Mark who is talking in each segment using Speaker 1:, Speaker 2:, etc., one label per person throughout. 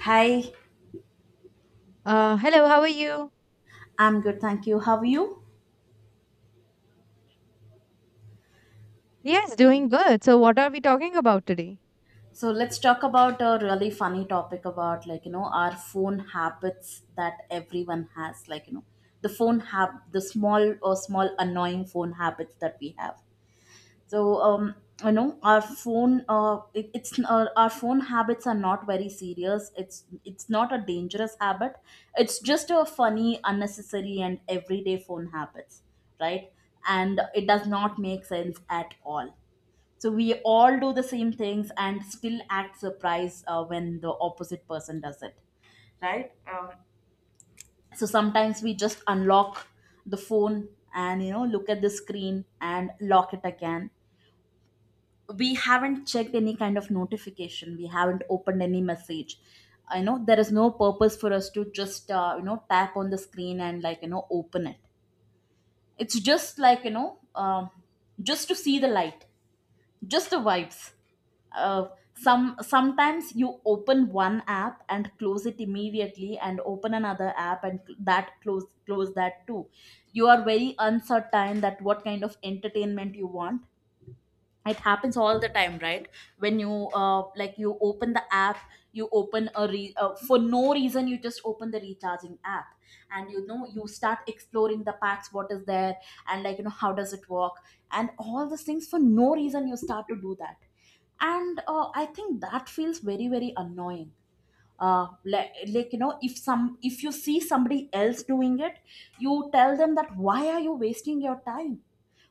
Speaker 1: Hi,
Speaker 2: Hello, how are you?
Speaker 1: I'm good, thank you. How are you?
Speaker 2: Yes, doing good. So, what are we talking about today?
Speaker 1: So let's talk about a really funny topic about our phone habits that everyone has, the small annoying phone habits that we have. So our phone habits are not very serious. It's not a dangerous habit. It's just a funny, unnecessary, and everyday phone habits, right? And it does not make sense at all. So we all do the same things and still act surprised when the opposite person does it, right? So sometimes we just unlock the phone and look at the screen and lock it again. We haven't checked any kind of notification. We haven't opened any message. I know there is no purpose for us to just tap on the screen and open it. It's just, um, just to see the light, just the vibes. uh, Sometimes you open one app and close it immediately and open another app and cl- that close that too. You are very uncertain that what kind of entertainment you want. It happens all the time, right? When you open the app, you open a re- for no reason you just open the recharging app, and you start exploring the packs, what is there, and how does it work, and all these things, for no reason you start to do that. And I think that feels very, very annoying. If you see somebody else doing it, you tell them that why are you wasting your time.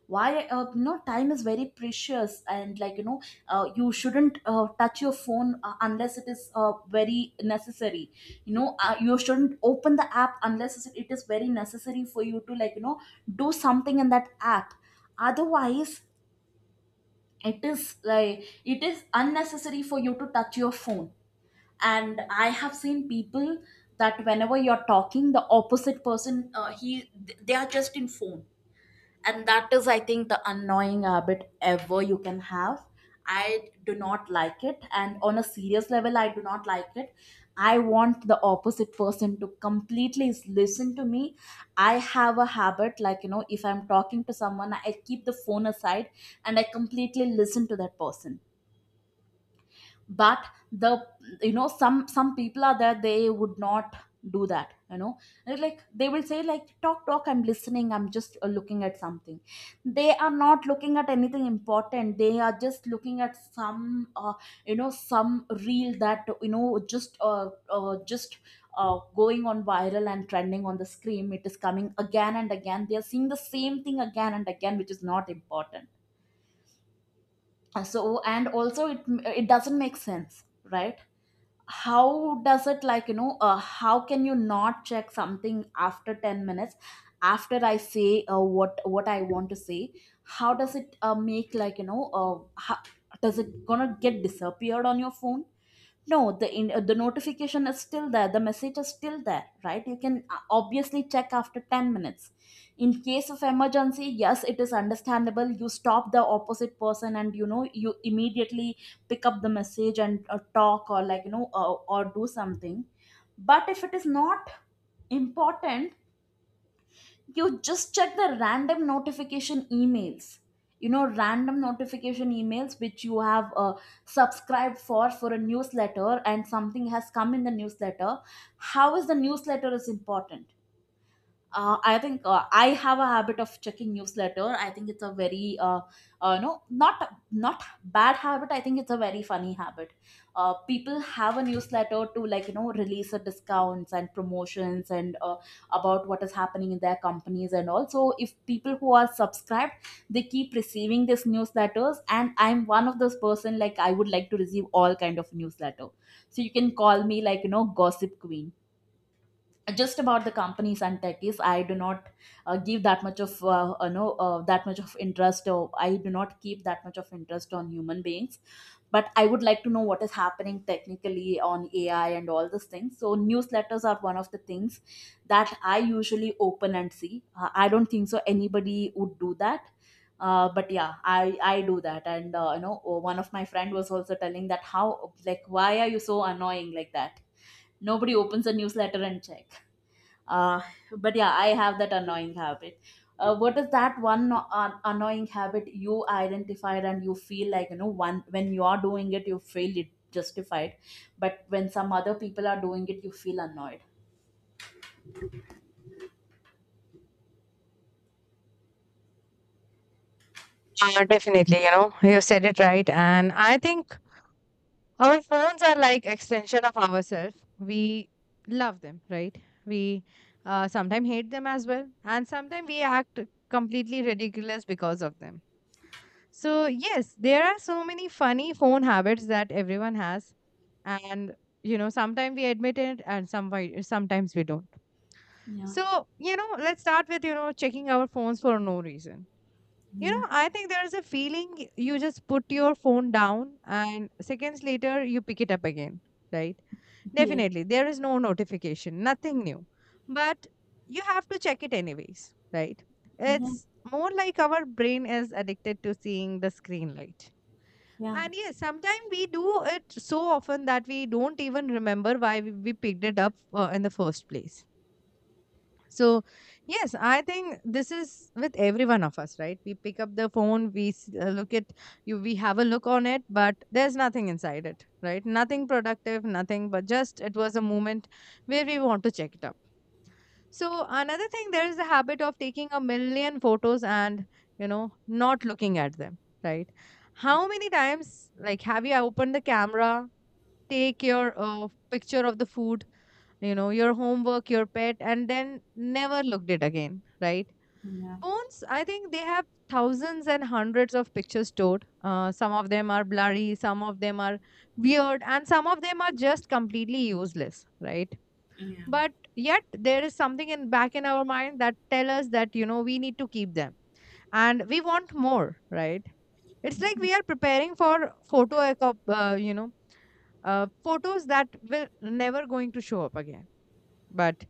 Speaker 1: Why? Time is very precious, and you shouldn't touch your phone unless it is very necessary. You shouldn't open the app unless it is very necessary for you to do something in that app, otherwise it is, like, it is unnecessary for you to touch your phone. And I have seen people that whenever you're talking, the opposite person, they are just in phone. And that is, I think, the annoying habit ever you can have. I do not like it, and on a serious level, I do not like it. I want the opposite person to completely listen to me. I have a habit, if I'm talking to someone, I keep the phone aside, and I completely listen to that person. But the you know some people are there, they would not do that, you know. And, like, they will say, like, talk, talk, I'm listening, I'm just looking at something. They are not looking at anything important, they are just looking at some, some reel that, you know just going on viral and trending on the screen. It is coming again and again, they are seeing the same thing again and again, which is not important. Uh, so and also it doesn't make sense, right? how does it like you know How can you not check something after 10 minutes, after I say what I want to say? How does it make like you know how, Does it gonna get disappeared on your phone? No, the notification is still there. The message is still there, right? You can obviously check after 10 minutes. In case of emergency, yes, it is understandable. You stop the opposite person, and you immediately pick up the message and talk, or like you know or do something. But if it is not important, you just check the random notification emails, random notification emails which you have subscribed for a newsletter, and something has come in the newsletter. How is the newsletter is important? I think I have a habit of checking newsletter. I think it's a very no not bad habit. I think it's a very funny habit. People have a newsletter to release the discounts and promotions and about what is happening in their companies and all. So if people who are subscribed, they keep receiving these newsletters, and I'm one of those person, like, I would like to receive all kind of newsletter. So you can call me, gossip queen. Just about the companies and techies, I do not give that much of, no that much of interest, or I do not keep that much of interest on human beings. But I would like to know what is happening technically on AI and all these things, so newsletters are one of the things that I usually open and see. I don't think so anybody would do that, but yeah, I do that, and one of my friend was also telling that, how, like, why are you so annoying like that, nobody opens a newsletter and check. uh, but yeah, I have that annoying habit. What is that one annoying habit you identified, and you feel, one when you are doing it you feel it justified, but when some other people are doing it you feel annoyed?
Speaker 2: Definitely, you know, you said it right. And I think our phones are like extension of ourselves. We love them, right? We sometimes hate them as well. And sometimes we act completely ridiculous because of them. So, yes, there are so many funny phone habits that everyone has. And, you know, sometimes we admit it and sometimes we don't.
Speaker 1: Yeah,
Speaker 2: So, you know, let's start with, you know, checking our phones for no reason. You
Speaker 1: yeah.
Speaker 2: know, I think there's a feeling you just put your phone down and seconds later you pick it up again, right?
Speaker 1: Yeah,
Speaker 2: Definitely, there is no notification, nothing new. But you have to check it anyways, right? It's more like our brain is addicted to seeing the screen light.
Speaker 1: yeah,
Speaker 2: And yes, sometimes we do it so often that we don't even remember why we picked it up in the first place. So, yes, I think this is with every one of us, right? We pick up the phone, we look at you, we have a look on it, but there's nothing inside it, right? Nothing productive, nothing, but just it was a moment where we want to check it up. So, another thing, there is the habit of taking a million photos and, you know, not looking at them, right? How many times, like, have you opened the camera, take your picture of the food? You know, your homework, your pet, and then never looked it again, right?
Speaker 1: yeah,
Speaker 2: Phones, I think, they have thousands and hundreds of pictures stored. Some of them are blurry, some of them are weird, and some of them are just completely useless, right?
Speaker 1: yeah.
Speaker 2: But yet there is something in back in our mind that tell us that you know we need to keep them, and we want more, right? It's like we are preparing for uh, you know photos that will never going to show up again. But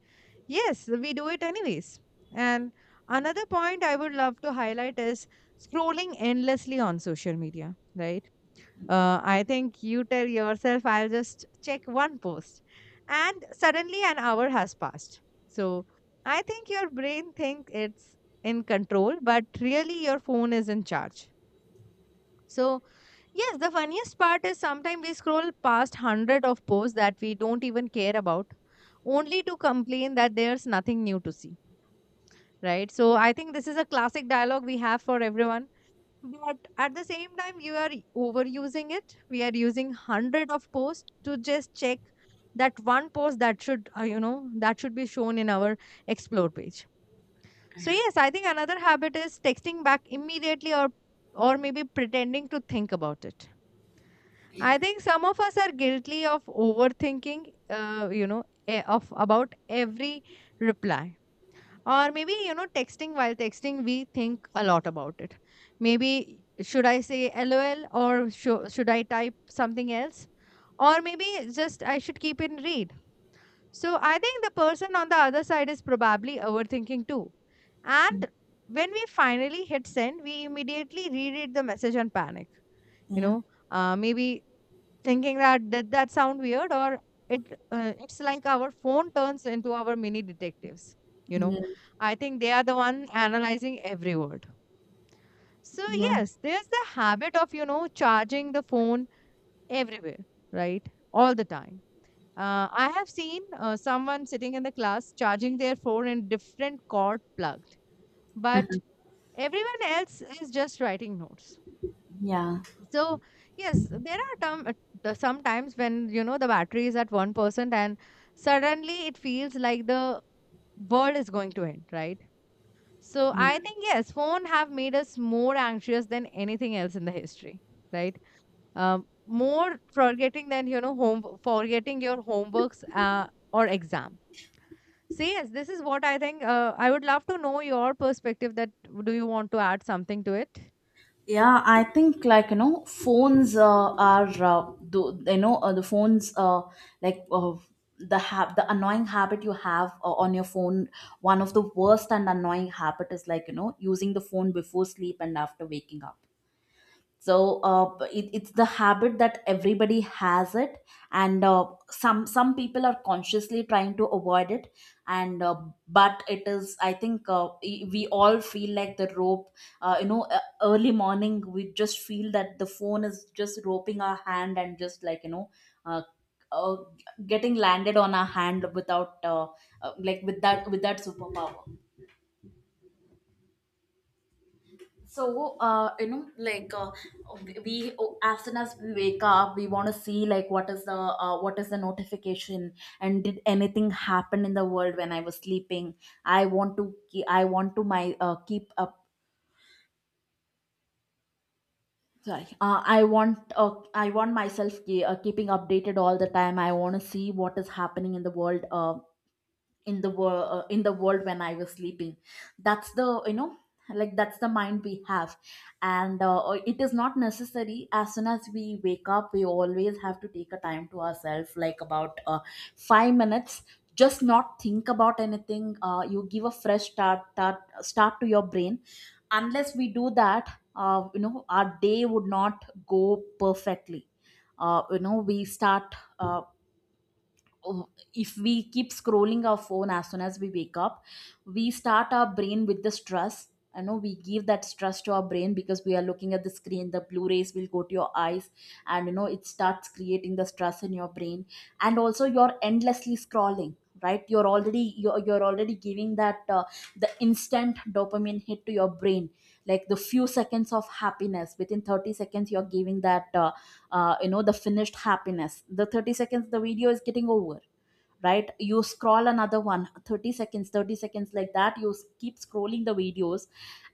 Speaker 2: yes, we do it anyways. And another point I would love to highlight is scrolling endlessly on social media, right? I think you tell yourself, I'll just check one post. And suddenly an hour has passed. So I think your brain thinks it's in control, but really your phone is in charge. So, yes, the funniest part is sometimes we scroll past 100 of posts that we don't even care about, only to complain that there's nothing new to see, right? So I think this is a classic dialogue we have for everyone. But at the same time, you are overusing it. We are using 100 of posts to just check that one post that should, you know, that should be shown in our explore page. So yes, I think another habit is texting back immediately or maybe pretending to think about it. I think some of us are guilty of overthinking, of about every reply. Or maybe, you know, texting, while texting we think a lot about it. Maybe should I say lol, or should I type something else, or maybe just I should keep in read. So I think the person on the other side is probably overthinking too. And when we finally hit send, we immediately reread the message and panic, you
Speaker 1: Yeah.
Speaker 2: know, maybe thinking that did that sound weird? Or it's like our phone turns into our mini detectives, you know.
Speaker 1: Yeah, yeah,
Speaker 2: I think they are the one analyzing every word. So
Speaker 1: yeah.
Speaker 2: yes, there's the habit of, you know, charging the phone everywhere, right, all the time. I have seen someone sitting in the class charging their phone in different cord plugged, but everyone else is just writing notes.
Speaker 1: Yeah,
Speaker 2: So yes, there are some times when you know the battery is at 1%, and suddenly it feels like the world is going to end, right? So
Speaker 1: yeah.
Speaker 2: I think yes, phone have made us more anxious than anything else in the history, right? More forgetting than you know home forgetting your homeworks or exam. So yes, this is what I think. I would love to know your perspective. That do you want to add something to it?
Speaker 1: Yeah, I think, like you know phones are do, you know the phones like the hab- the annoying habit you have on your phone, one of the worst and annoying habit is, using the phone before sleep and after waking up. So it's the habit that everybody has it, and some people are consciously trying to avoid it. And But it is, I think, we all feel like the rope. Early morning we just feel that the phone is just roping our hand, and just, uh, uh, getting landed on our hand without, with that superpower. So as soon as we wake up, we want to see, like, what is the notification. And did anything happen in the world when I was sleeping? I want to my keep up sorry I want myself, keeping updated all the time. I want to see what is happening in the world when I was sleeping. That's the you know like that's the mind we have. And it is not necessary, as soon as we wake up we always have to take a time to ourselves, like about 5 minutes, just not think about anything. You give a fresh start to your brain. Unless we do that, our day would not go perfectly. uh, you know we start uh, oh, if we keep scrolling our phone as soon as we wake up, we start our brain with the stress. I know we give that stress to our brain, because we are looking at the screen, the blue rays will go to your eyes, and it starts creating the stress in your brain. And also you're endlessly scrolling, right? You're already giving that, the instant dopamine hit to your brain, like the few seconds of happiness within 30 seconds. You're giving that, the finished happiness, the 30 seconds the video is getting over, right? You scroll another one, 30 seconds, 30 seconds, like that you keep scrolling the videos,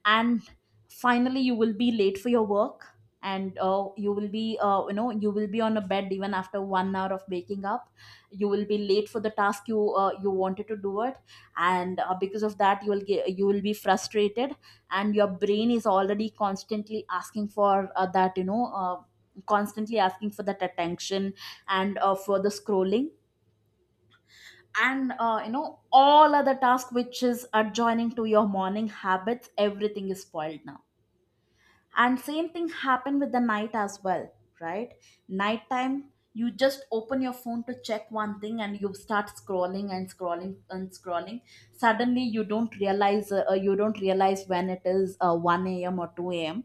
Speaker 1: and finally you will be late for your work. And you will be you know you will be on a bed even after 1 hour of waking up. You will be late for the task you wanted to do it, and because of that you will be frustrated, and your brain is already constantly asking for that attention, and for the scrolling, and all other task which is adjoining to your morning habits, everything is spoiled now. And same thing happened with the night as well, right? Nighttime you just open your phone to check one thing, and you start scrolling and scrolling and scrolling. Suddenly you don't realize, you don't realize when it is 1 a.m or 2 a.m.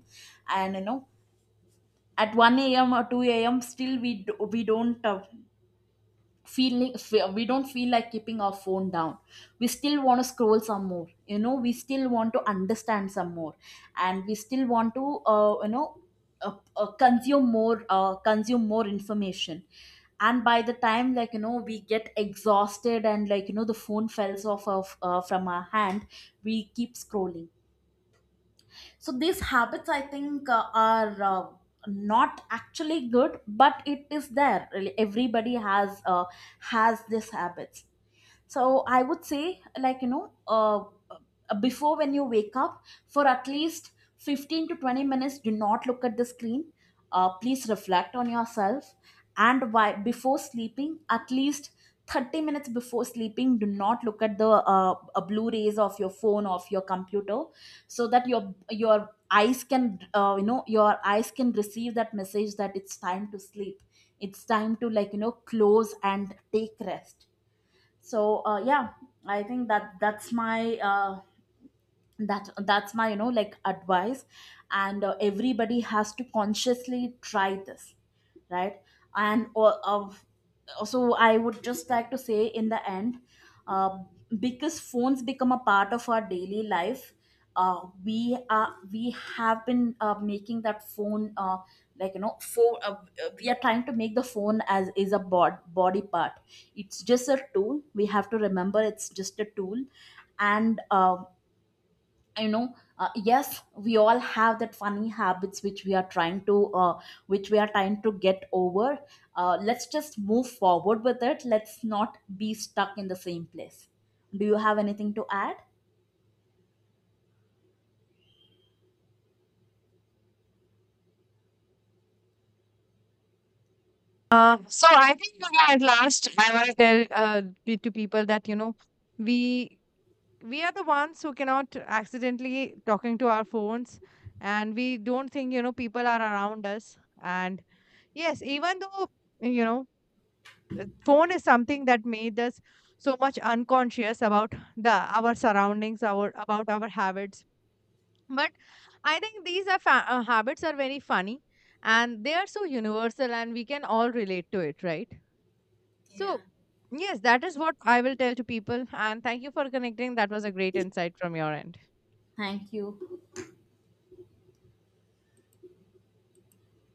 Speaker 1: And at 1 a.m or 2 a.m, still we don't feel like keeping our phone down. We still want to scroll some more, we still want to understand some more. And we still want to, consume more information. And by the time, we get exhausted, and the phone falls off of, from our hand. We keep scrolling. So these habits, I think, are not actually good, but it is there, really everybody has these habits. So I would say, like you know uh, before, when you wake up, for at least 15 to 20 minutes, do not look at the screen. Please reflect on yourself. And why, before sleeping, at least 30 minutes before sleeping, do not look at the blue rays of your phone, of your computer, so that your eyes can, your eyes can receive that message that it's time to sleep. It's time to, close and take rest. So, yeah, I think that's my, uh, that's my, advice. And everybody has to consciously try this, right? And of also, I would just like to say in the end, uh, because phones become a part of our daily life. We have been making that phone, like you know for we are trying to make the phone as is a body part. It's just a tool, we have to remember it's just a tool. And, yes, we all have that funny habits which we are trying to get over. Let's just move forward with it, let's not be stuck in the same place. Do you have anything to add?
Speaker 2: So I think, you know, at last I want to tell to people that you know we we are the ones who cannot accidentally talking to our phones, and we don't think you know people are around us. And yes, even though you know phone is something that made us so much unconscious about the our surroundings, our about our habits. But I think these are habits are very funny, and they are so universal, and we can all relate to it, right?
Speaker 1: Yeah.
Speaker 2: So, yes, that is what I will tell to people. And thank you for connecting. That was a great insight from your end.
Speaker 1: Thank you.